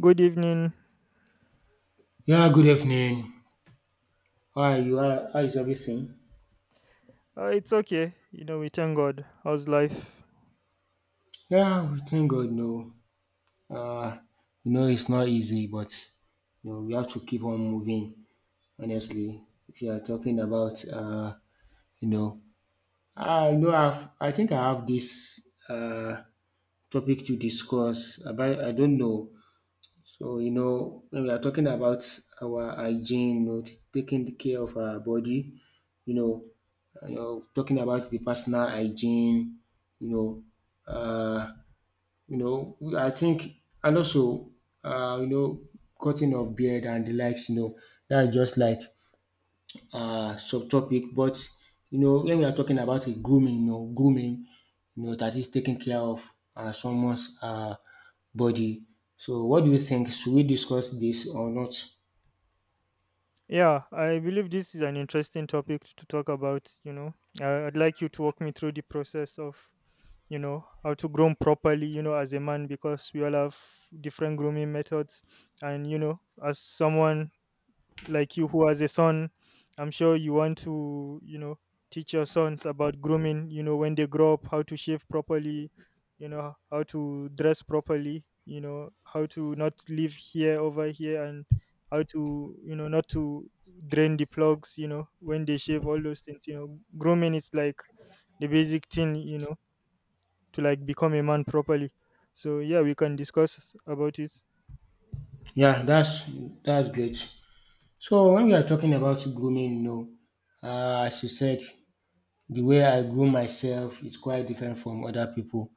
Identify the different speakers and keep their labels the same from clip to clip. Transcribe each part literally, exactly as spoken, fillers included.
Speaker 1: Good evening.
Speaker 2: Yeah, good evening. How are you? How, how is everything?
Speaker 1: Uh, it's okay. You know, we thank God. How's life?
Speaker 2: Yeah, we thank God. No, uh, you know it's not easy, but you know we have to keep on moving. Honestly, if you are talking about, uh, you know, I know I've, I think I have this uh topic to discuss about. I don't know. So, you know, when we are talking about our hygiene, you know, t- taking the care of our body, you know, you know, talking about the personal hygiene, you know, uh, you know, I think, and also, uh, you know, cutting of beard and the likes, you know, that's just like uh, subtopic, but you know, when we are talking about a grooming, you know, grooming, you know, that is taking care of uh, someone's uh, body. So, what do you think? Should we discuss this or not?
Speaker 1: Yeah, I believe this is an interesting topic to talk about. You know, I I'd like you to walk me through the process of, you know, how to groom properly, you know, as a man, because we all have different grooming methods. And, you know, as someone like you who has a son, I'm sure you want to, you know, teach your sons about grooming, you know, when they grow up, how to shave properly, you know, how to dress properly, you know, how to not live here over here, and how to, you know, not to drain the plugs, you know, when they shave. All those things, you know, grooming is like the basic thing, you know, to like become a man properly. So yeah, we can discuss about it.
Speaker 2: Yeah, that's that's great. So, when we are talking about grooming, you know, uh, as you said, the way I groom myself is quite different from other people.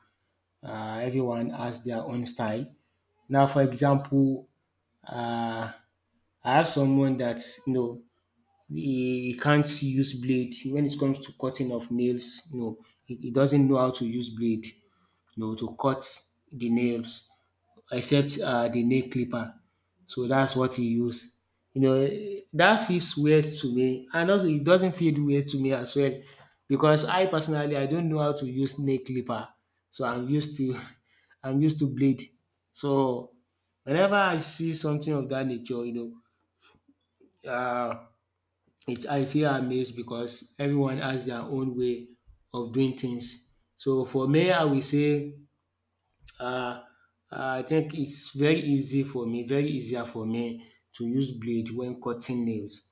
Speaker 2: Uh, everyone has their own style. Now, for example, uh, I have someone that you know he can't use blade when it comes to cutting of nails. No, he, he doesn't know how to use blade, you know, to cut the nails except uh, the nail clipper. So that's what he used. You know, eh, that feels weird to me, and also it doesn't feel weird to me as well, because I personally I don't know how to use nail clipper, so I'm used to I'm used to blade. So whenever I see something of that nature, you know, uh, it I feel amazed because everyone has their own way of doing things. So for me, I will say um I think it's very easy for me, very easier for me to use blade when cutting nails.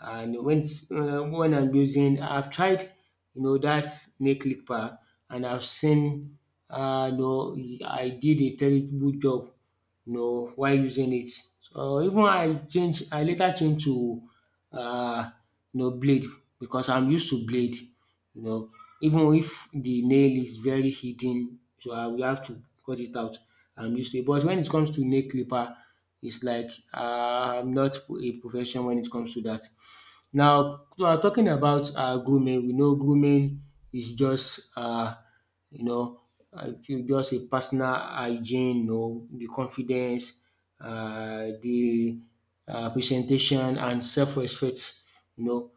Speaker 2: And when it's um when I'm using I've tried you know that nail clipper and I've seen um you know I did a terrible job you know, while using it. So even I change I later change to uh, you know blade because I'm used to blade you know even if the nail is very hidden so I will have to cut it out. I'm used to it but when it comes to nail clipper it's like uh, I'm not a profession when it comes to that. Now um talking about um grooming, we know grooming is just um you know uh, ju- just a personal hygiene, you know the confidence, um the um presentation and self respect, you know.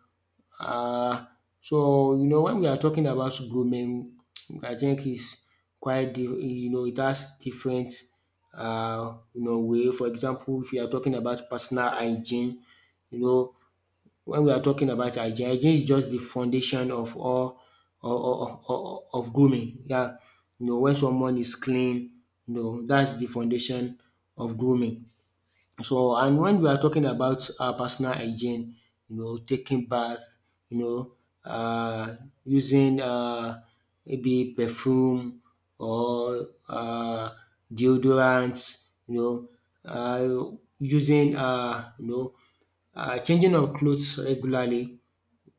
Speaker 2: um So you know when we are talking about grooming, I think is quite di you know it has different um you know way. For example, if you are talking about personal hygiene, you know when we are talking about hygiene, hygiene is just the foundation of all of, of, of grooming. Yeah, you know, when someone is clean, you know, that's the foundation of grooming. So and when we are talking about our personal hygiene, you know, taking bath, you know, uh, using uh, maybe perfume or uh, deodorants, you know, uh, using uh, you know, uh, changing of clothes regularly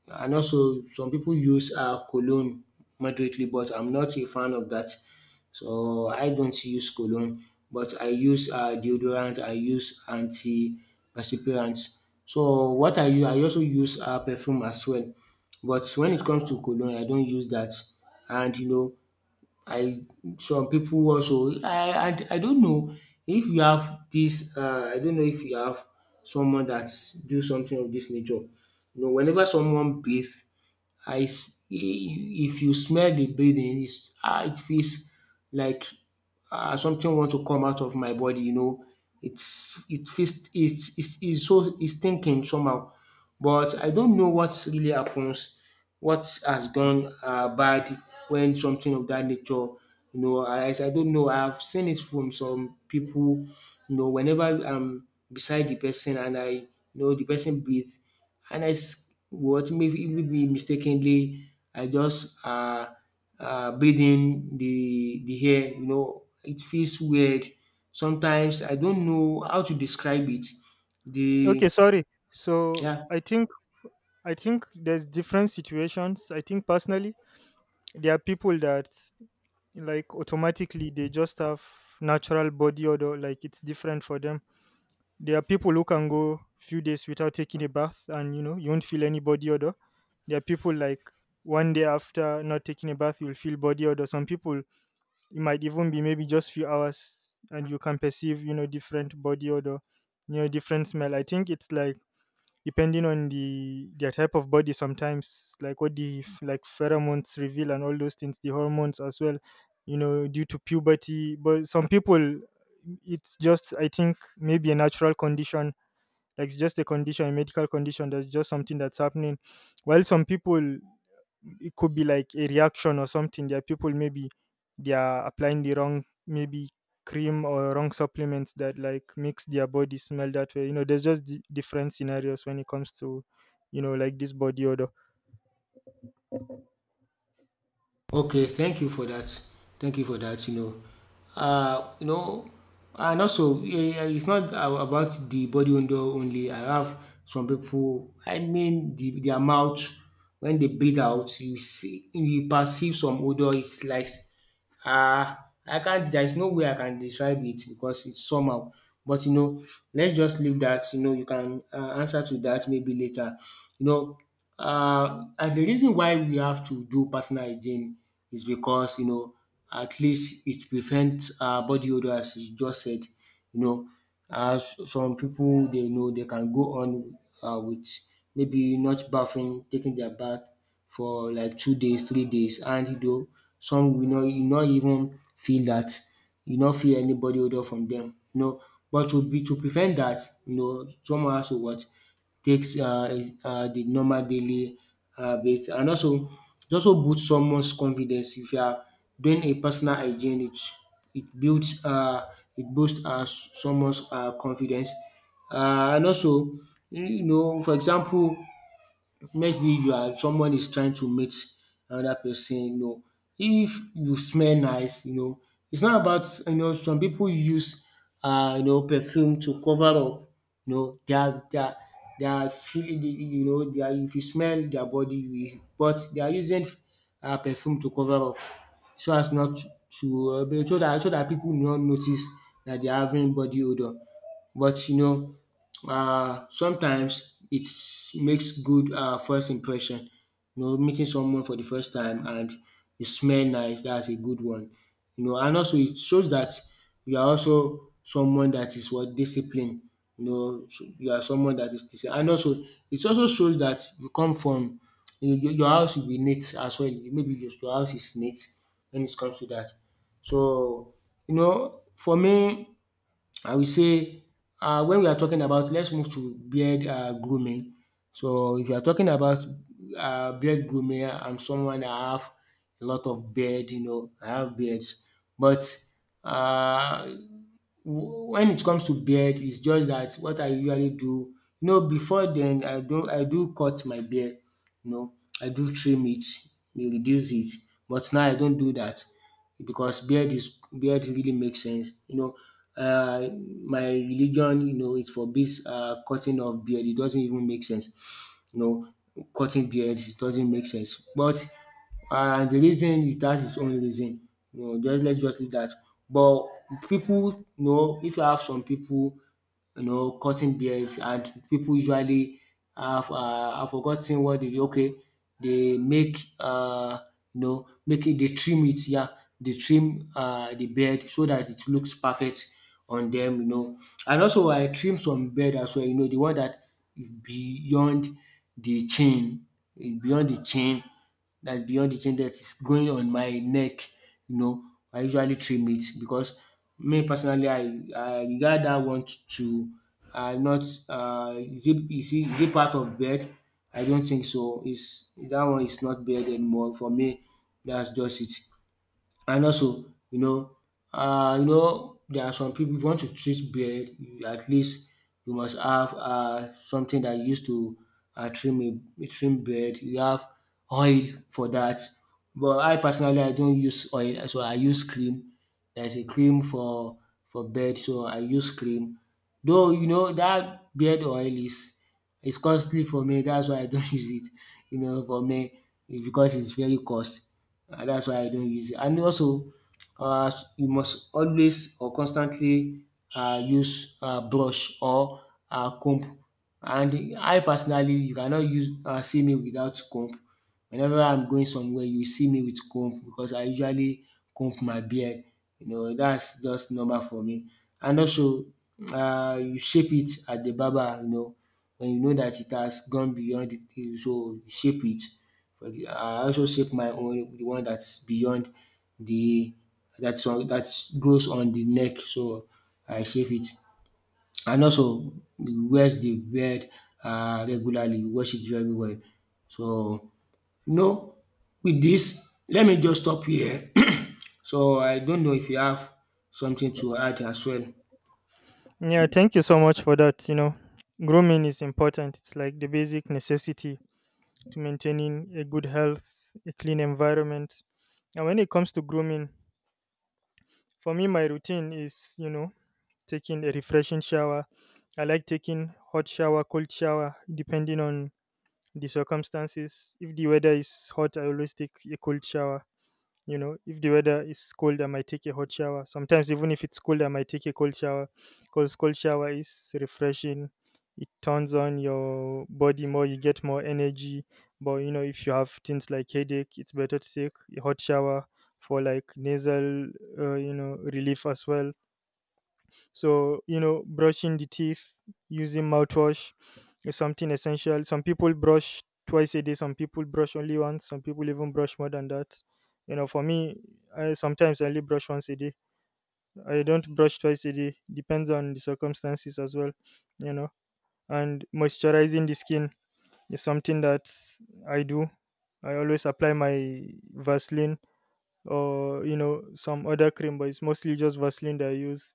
Speaker 2: and also some people use uh, cologne moderately, but I'm not a fan of that. So I don't use cologne, but I use uh, deodorant, I use antiperspirants. So what I use, I also use uh, perfume as well. But when it comes to cologne, I don't use that. And you know, I some people also I, I I don't know if you have this uh, I don't know if you have someone that do something of this nature. You know, whenever someone bathe um is if you smell the breathing is um it feels like um something want to come out of my body you know. It's it feels it's it's it's so it's thinking somehow but I don't know what really happens, what has gone um bad when something of that nature you know I I don't know I've seen it from some people. You know whenever I'm beside the person and I you know the person breathe and I s- what maybe maybe mistakenly I just uh, uh, breathe in the the air. You know, it feels weird. Sometimes I don't know how to describe it.
Speaker 1: Okay,
Speaker 2: The
Speaker 1: sorry, so
Speaker 2: yeah,
Speaker 1: i think I think there's different situations. I think personally, there are people that like automatically they just have natural body odor, like it's different for them. There are people who can go few days without taking a bath, and you know you won't feel any body odor. There are people like one day after not taking a bath, you'll feel body odor. Some people it might even be maybe just few hours, and you can perceive, you know, different body odor, you know, different smell. I think it's like depending on the their type of body, sometimes like what the f- like pheromones reveal and all those things, the hormones as well, you know, due to puberty. But some people, it's just, I think, maybe a natural condition, like it's just a condition, a medical condition, that's just something that's happening. While some people it could be like a reaction or something. There are people maybe they are applying the wrong maybe cream or wrong supplements that like makes their body smell that way. You know, there's just d- different scenarios when it comes to, you know, like this body odor.
Speaker 2: okay, thank you for that. Thank you for that. You know, uh, you know, and also yeah, it's not a- about the body odor only. I have some people. I mean, the their mouth when they breathe out, you see, you perceive some odor. It's like um I can't there is no way I can describe it because it's somehow. But you know, let's just leave that, you know, you can um answer to that maybe later. You know, um and the reason why we have to do personal hygiene is because, you know, at least it prevents um body odour as you just said you know. As some people they know they can go on uh, with maybe not bathing, taking their bath for like two days, three days, and though some you know you not even feel that you not feel any body odor from them. You know, but to be to prevent that, you know, someone has to what takes uh is um the normal daily habit and also it also boost someone's confidence if you are doing a personal hygiene it it builds uh it boosts um someone's uh confidence uh and also you know for example maybe you are someone is trying to meet another person, you know, if you smell nice, you know, it's not about you know some people use uh, you know perfume to cover up you know their their their feeling you know their if you smell their body you but they are using um perfume to cover up so as not to uh, be- so that so that people will not notice that they are having body odour but you know uh, sometimes it makes good uh, first impression. You know, meeting someone for the first time and you smell nice, that's a good one. You know, and also it shows that you are also someone that is what discipline. You know, so you are someone that is disciplined. And also, it also shows that you come from you, your your house will be neat as well. Maybe your, your house is neat when it comes to that. So, you know, for me, I will say um when we are talking about let's move to beard um grooming. So if you are talking about um beard grooming, I'm someone that have a lot of beard, you know, I have beards. But um when it comes to beard, it's just that what I usually do, you know, before then I do I do cut my beard, you know, I do trim it, we reduce it, but now I don't do that because beard is beard really makes sense. You know, uh, my religion, you know, it forbids uh, cutting of beard. It doesn't even make sense. You know, cutting beards it doesn't make sense. But uh, the reason it has its own reason. You know, just let's just leave that. But people, you know, if you have some people you know, cutting beards and people usually have um I forgot ten what dey okay they make uh, you know make e dey trim it yeah, they trim uh the beard so that it looks perfect on them. You know. And also I trim some beard as well you know the one that is beyond the chin, is beyond the chin that's beyond the chain that is going on my neck. You know, I usually trim it because me personally, I, I regard that one to uh, not uh, is it, is it, is it part of bed? I don't think so. Is that one is not bed anymore for me? That's just it. And also, you know, uh, you know, there are some people if you want to treat beard, you- at least you must have uh, something that you use to uh, trim a trim beard. You have oil for that. But I personally, I don't use oil, so I use cream. There's a cream for for beard, so I use cream. Though you know that beard oil is is costly for me. That's why I don't use it. You know, for me, it's because it's very cost and that's why I don't use it. And also, uh, you must always or constantly uh, use uh, brush or uh, comb. And I personally, you cannot use uh, see me without comb. Whenever I'm going somewhere, you see me with comb because I usually comb my beard. You know, that's just normal for me. And also, uh, you shape it at the barber. You know, when you know that it has gone beyond it, you- so you shape it. For ex- I also shape my own, the one that's beyond the that's on that goes on the neck. So I shape it, and also wears the beard uh, regularly. Wash it very well. So no, with this, let me just stop here. So I don't know if you have something to add as well.
Speaker 1: Yeah, thank you so much for that. You know, grooming is important. It's like the basic necessity to maintaining a good health, a clean environment. And when it comes to grooming, for me, my routine is, you know, taking a refreshing shower. I like taking hot shower, cold shower, depending on the circumstances. If the weather is hot, I always take a cold shower. You know, if the weather is cold, I might take a hot shower. Sometimes even if it's cold, I might take a cold shower because cold shower is refreshing. It turns on your body more, you get more energy. But you know, if you have things like headache, it's better to take a hot shower, for like nasal, uh, you know, relief as well. So, you know, brushing the teeth, using mouthwash is something essential. Some people brush twice a day, some people brush only once, some people even brush more than that. You know, for me, I sometimes I only brush once a day. I don't brush twice a day, depends on the circumstances as well, you know. And moisturizing the skin is something that I do. I always apply my Vaseline, or you know, some other cream, but it's mostly just Vaseline that I use,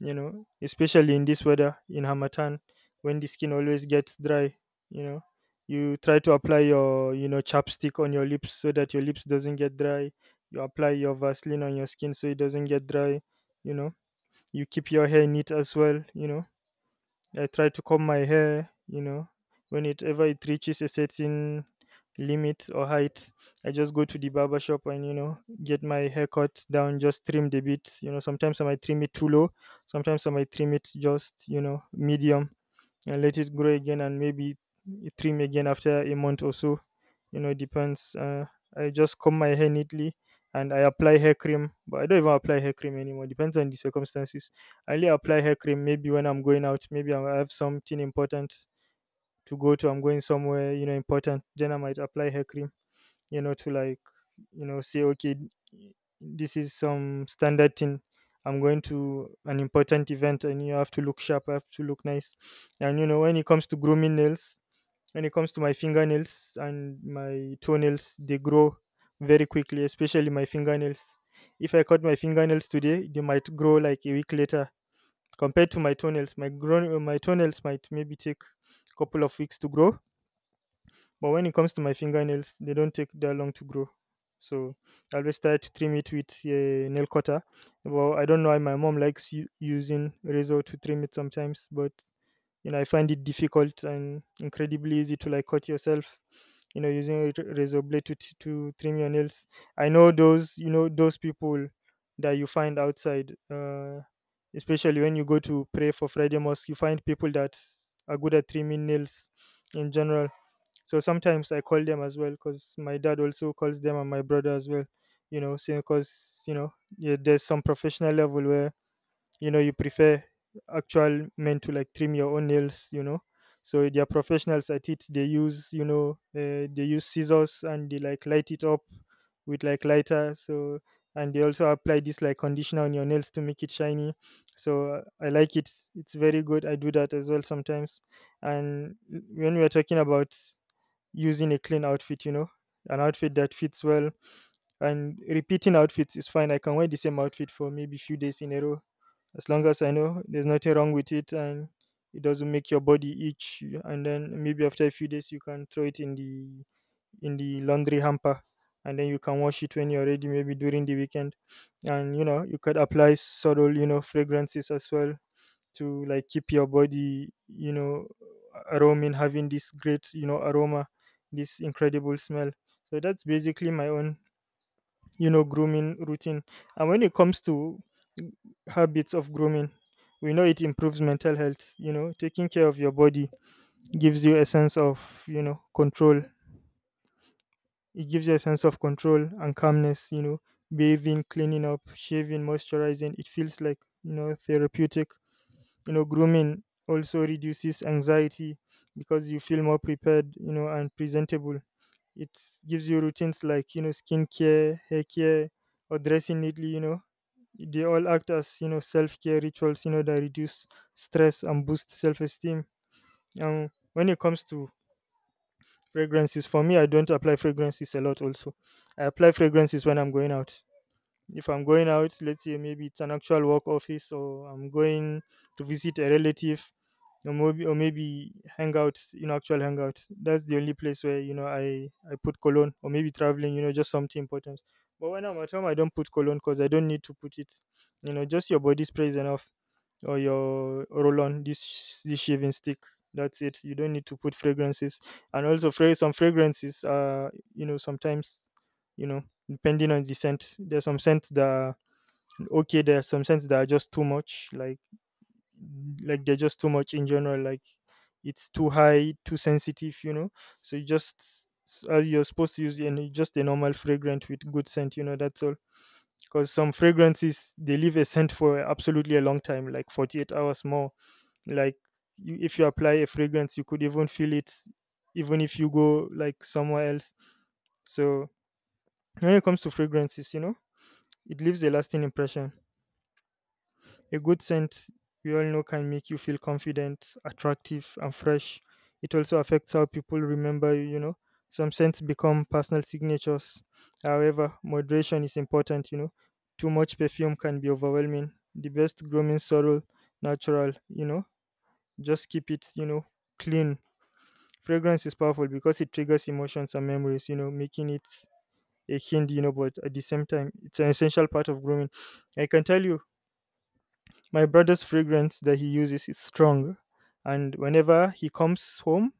Speaker 1: you know, especially in this weather, in hamatan, when the skin always gets dry. You know, you try to apply your, you know, chapstick on your lips so that your lips doesn't get dry. You apply your Vaseline on your skin so it doesn't get dry. You know, you keep your hair neat as well. You know, I try to comb my hair, you know, when it ever it reaches a certain limit or height, I just go to the barber shop and, you know, get my hair cut down, just trimmed a bit. You know, sometimes I might trim it too low, sometimes I might trim it just, you know, medium, and let it grow again and maybe trim again after a month or so. You know, depends, uh, I just comb my hair neatly. And I apply hair cream, but I don't even apply hair cream anymore, depends on the circumstances. I only apply hair cream maybe when I'm going out, maybe i I have something important to go to, I'm going somewhere, you know, important, then I might apply hair cream, you know, to like, you know, say okay, this is some standard thing, I'm going to an important event and you have to look sharp, I have to look nice. And you know, when it comes to grooming nails, when it comes to my fingernails and my toenails, they grow very quickly, especially my fingernails. If I cut my fingernails today, they might grow like a week later. Compared to my toenails, my grown my toenails might maybe take a couple of weeks to grow. But when it comes to my fingernails, they don't take that long to grow. So I always try to trim it with a nail cutter. Well, I don't know why my mom likes u- using razor to trim it sometimes, but you know, I find it difficult and incredibly easy to like cut yourself. You know, using a ra- razor blade to t- to trim your nails. I know those, you know, those people that you find outside, uh, especially when you go to pray for Friday mosque, you find people that are good at trimming nails in general. So sometimes I call them as well because my dad also calls them and my brother as well. You know, because you know, yeah, there's some professional level where, you know, you prefer actual men to like trim your own nails. You know, so they are professionals at it. They use, you know, uh, they use scissors and they like light it up with like lighter. So and they also apply this like conditioner on your nails to make it shiny. So uh, I like it. It's very good. I do that as well sometimes. And when we are talking about using a clean outfit, you know, an outfit that fits well. And repeating outfits is fine. I can wear the same outfit for maybe few days in a row, as long as I know there's nothing wrong with it and it doesn't make your body itch. And then maybe after a few days, you can throw it in the in the laundry hamper, and then you can wash it when you're ready, maybe during the weekend. And you know, you could apply subtle, you know, fragrances as well to like keep your body, you know, aroming, having this great, you know, aroma, this incredible smell. So that's basically my own, you know, grooming routine. And when it comes to habits of grooming, we know it improves mental health. You know, taking care of your body gives you a sense of, you know, control. It gives you a sense of control and calmness, you know. Bathing, cleaning up, shaving, moisturizing, it feels like, you know, therapeutic. You know, grooming also reduces anxiety because you feel more prepared, you know, and presentable. It gives you routines like, you know, skincare, hair care, or dressing neatly, you know. They all act as, you know, self-care rituals, you know, that reduce stress and boost self-esteem. Um, when it comes to fragrances, for me, I don't apply fragrances a lot. Also, I apply fragrances when I'm going out. If I'm going out, let's say maybe it's an actual work office, or I'm going to visit a relative, or maybe, or maybe hang out, you know, actual hangout. That's the only place where, you know, I, I put cologne, or maybe traveling, you know, just something important. But when I'm at home, I don't put cologne because I don't need to put it. You know, just your body spray is enough, or your roll-on, this this shaving stick. That's it. You don't need to put fragrances. And also fra- some fragrances are, you know, sometimes, you know, depending on the scent. There's some scents that are okay. There's some scents that are just too much. Like like they're just too much in general. Like, it's too high, too sensitive. You know, so you just s- uh, you're supposed to use and just a normal fragrant with good scent. You know, that's all because some fragrances they leave a scent for absolutely a long time, like forty-eight hours more. Like you, if you apply a fragrance you could even feel it, even if you go like somewhere else. So when it comes to fragrances, you know it leaves a lasting impression. A good scent, we all know, can make you feel confident, attractive, and fresh. It also affects how people remember you you know Some scents become personal signatures. However, moderation is important, you know too much perfume can be overwhelming. The best grooming sorrel natural, you know just keep it, you know clean. Fragrance is powerful because it triggers emotions and memories, you know, making it a hint, you know, but at the same time, it's an essential part of grooming. I can tell you, my brother's fragrance that he uses is strong. And whenever he comes home,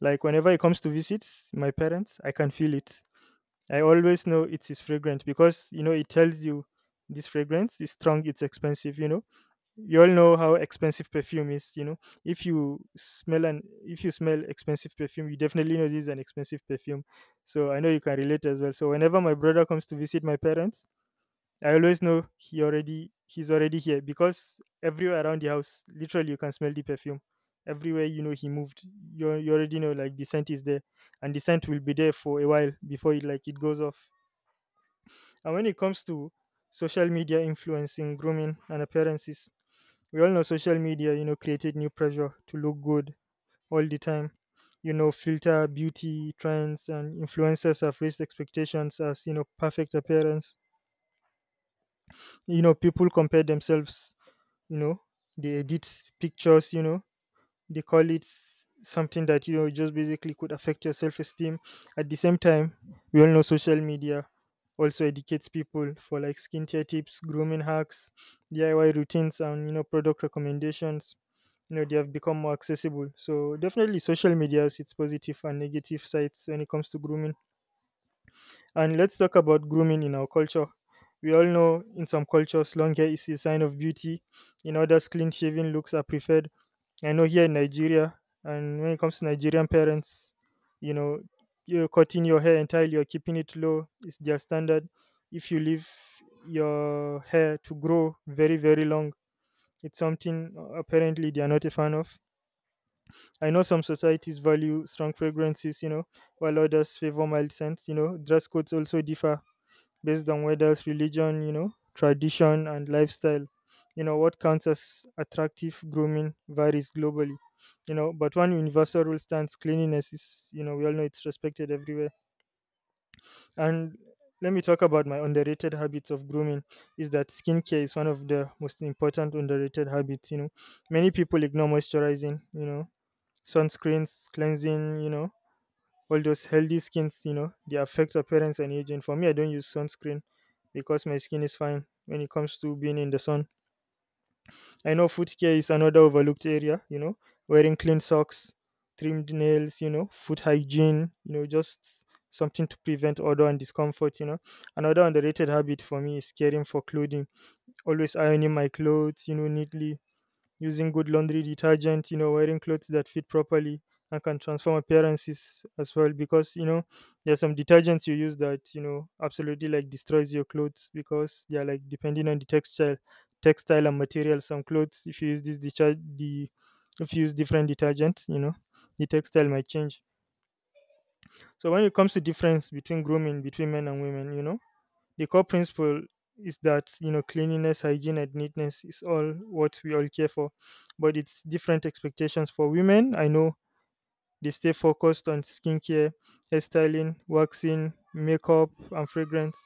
Speaker 1: like whenever he comes to visit my parents, I can feel it. I always know it's his fragrance because, you know, it tells you this fragrance is strong, it's expensive, you know You all know how expensive perfume is you know If you smell an if you smell expensive perfume, you definitely know this is an expensive perfume. So I know you can relate as well. So whenever my brother comes to visit my parents, I always know he already he's already here, because everywhere around the house, literally, you can smell the perfume everywhere. you know he moved, you, al- you already know like the scent is there, and the scent will be there for a while before it, like, it goes off. And when it comes to social media influencing grooming and appearances, we all know social media, you know, created new pressure to look good all the time. You know, filter beauty trends and influencers have raised expectations as, you know, perfect appearance. You know, people compare themselves, you know, they edit pictures, you know, they call it s- something that, you know just basically could affect your self-esteem. At the same time, we all know social media also educates people for, like, skincare tips, grooming hacks, DIY routines, and, you know product recommendations, you know they have become more accessible. So definitely social media has its positive and negative sides when it comes to grooming. And let's talk about grooming in our culture. We all know in some cultures long hair is a sign of beauty; in others, clean shaven looks are preferred. I know, here in Nigeria, and when it comes to Nigerian parents, you know, you're cutting your hair entirely or keeping it low is their standard. If you leave your hair to grow very, very long, it's something uh, apparently they are not a fan of. I know some societies value strong fragrances, you know, while others favor mild scents. you know, dress codes also differ based on weathers, religion, you know, tradition, and lifestyle. You know, what counts as attractive grooming varies globally, you know, but one universal rule stands: cleanliness is, you know, we all know it's respected everywhere. And let me talk about my underrated habits of grooming. Is that skincare is one of the most important underrated habits, you know. Many people ignore moisturizing, you know, sunscreens, cleansing, you know, all those healthy skins, you know they affect appearance and aging. For me, I don't use sunscreen, because my skin is fine when it comes to being in the sun. I know foot care is another overlooked area, you know wearing clean socks, trimmed nails, you know foot hygiene, you know just something to prevent odor and discomfort, you know another underrated habit for me is caring for clothing, always ironing my clothes, you know neatly, using good laundry detergent, you know, wearing clothes that fit properly and can transform appearances as well. Because, you know, there's some detergents you use that, you know, absolutely like destroys your clothes, because they're, like, depending on the textile textile and material. Some clothes, if you use this deter- the if you use different detergent, you know, the textile might change. So when it comes to difference between grooming between men and women, you know, the core principle is that, you know cleanliness, hygiene, and neatness is all what we all care for, but it's different expectations for women. I know they stay focused on skincare, hairstyling, waxing, makeup, and fragrance.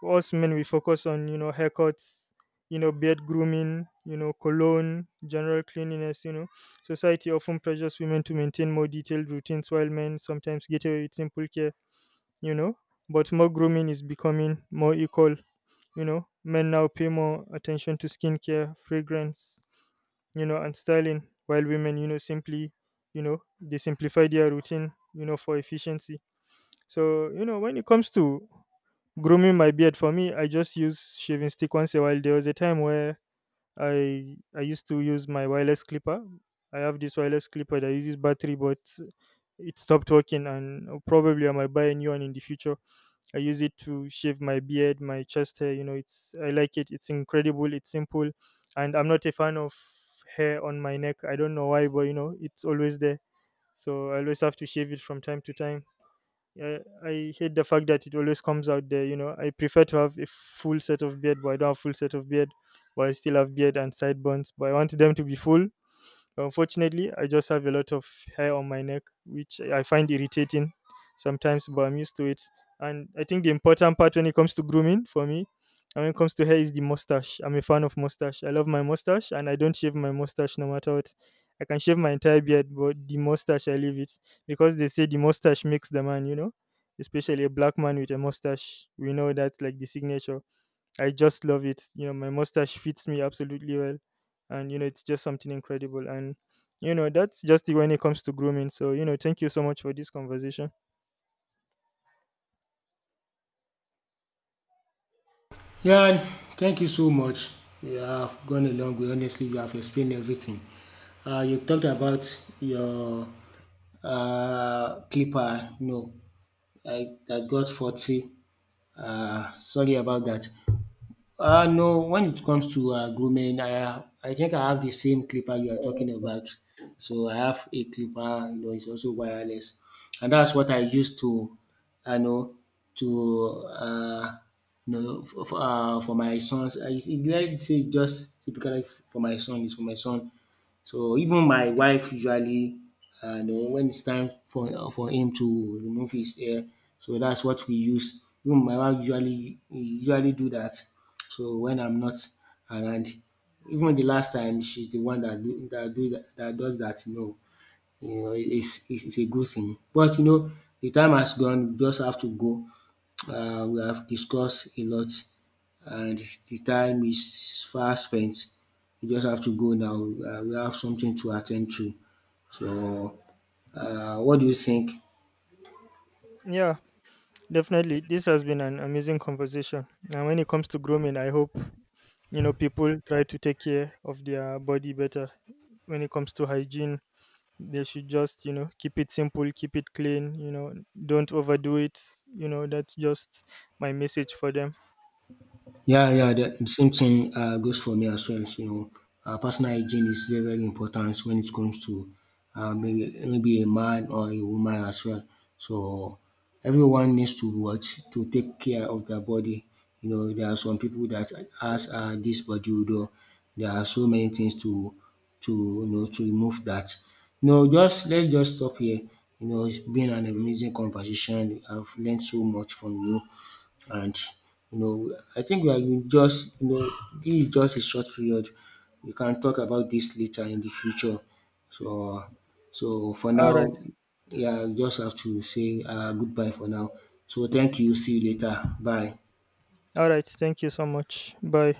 Speaker 1: For us men, we focus on, you know haircuts, you know beard grooming, you know cologne, general cleanliness. You know, society often pressures women to maintain more detailed routines, while men sometimes get away with simple care, you know but more grooming is becoming more equal. you know men now pay more attention to skincare, fragrance, you know and styling, while women, you know simply, you know they simplify their routine, you know for efficiency. So, you know when it comes to grooming my beard, for me I just use shaving stick once a while. There was a time where i i used to use my wireless clipper. I have this wireless clipper that uses battery, but it stopped working, and probably I might buy a new one in the future. I use it to shave my beard, my chest hair. You know, it's, I like it. It's incredible. It's simple, and I'm not a fan of hair on my neck. I don't know why, but, you know, it's always there. So I always have to shave it from time to time. I, I hate the fact that it always comes out there. You know, I prefer to have a full set of beard, but I don't have full set of beard. But I still have beard and sideburns. But I want them to be full. Unfortunately, I just have a lot of hair on my neck, which I find irritating sometimes, but I'm used to it. And I think the important part when it comes to grooming for me, and when it comes to hair, is the mustache. I'm a fan of mustache. I love my mustache, and I don't shave my mustache no matter what. I can shave my entire beard, but the mustache, I leave it, because they say the mustache makes the man, you know, especially a black man with a mustache. We know that's like the signature. I just love it. You know, my mustache fits me absolutely well, and, you know, it's just something incredible. And, you know, that's just it when it comes to grooming. So, you know, thank you so much for this conversation.
Speaker 2: Yeah, thank you so much. You have gone a long way. Honestly, you have explained everything. Uh, you talked about your uh, clipper. No, I, I got forty. Uh, sorry about that. Uh, no, when it comes to uh, grooming, I, I think I have the same clipper you are talking about. So I have a clipper, you know, it's also wireless. And that's what I use to, I know, to, uh, you know, for, uh, for my sons. I, it's- it, let's say it's just typically for my son, it's for my son. So even my wife usually um you know when it's time for for him to remove his hair so that's what we use. Even my wife usually usually do that. So when I'm not around. Even the last time she's the one that do dat do that that does that you know you know, it's it's it's a good thing. But you know, the time has gone. We just have to go. Uh, we have discussed a lot, and the time is fast spent. We just have to go now. Uh, we have something to attend to. So, uh, what do you think?
Speaker 1: Yeah, definitely, this has been an amazing conversation. And when it comes to grooming, I hope, you know people try to take care of their body better when it comes to hygiene. They should just, you know, keep it simple, keep it clean, you know, don't overdo it. You know, that's just my message for them.
Speaker 2: Yeah, yeah, the same thing uh, goes for me as well. So, you know, uh, personal hygiene is very, very important when it comes to uh, maybe maybe a man or a woman as well. So everyone needs to watch to take care of their body. You know, there are some people that has uh, this body odor. There are so many things to to you know to remove that. No, just let's just stop here. You know, it's been an amazing conversation. I've learned so much from you and you know I think we are in just you know this is just a short period. We can talk about this later in the future. So so for
Speaker 1: All right.
Speaker 2: now, yeah, I just have to say uh, goodbye for now. So thank you. See you later. Bye.
Speaker 1: All right. Thank you so much. Bye.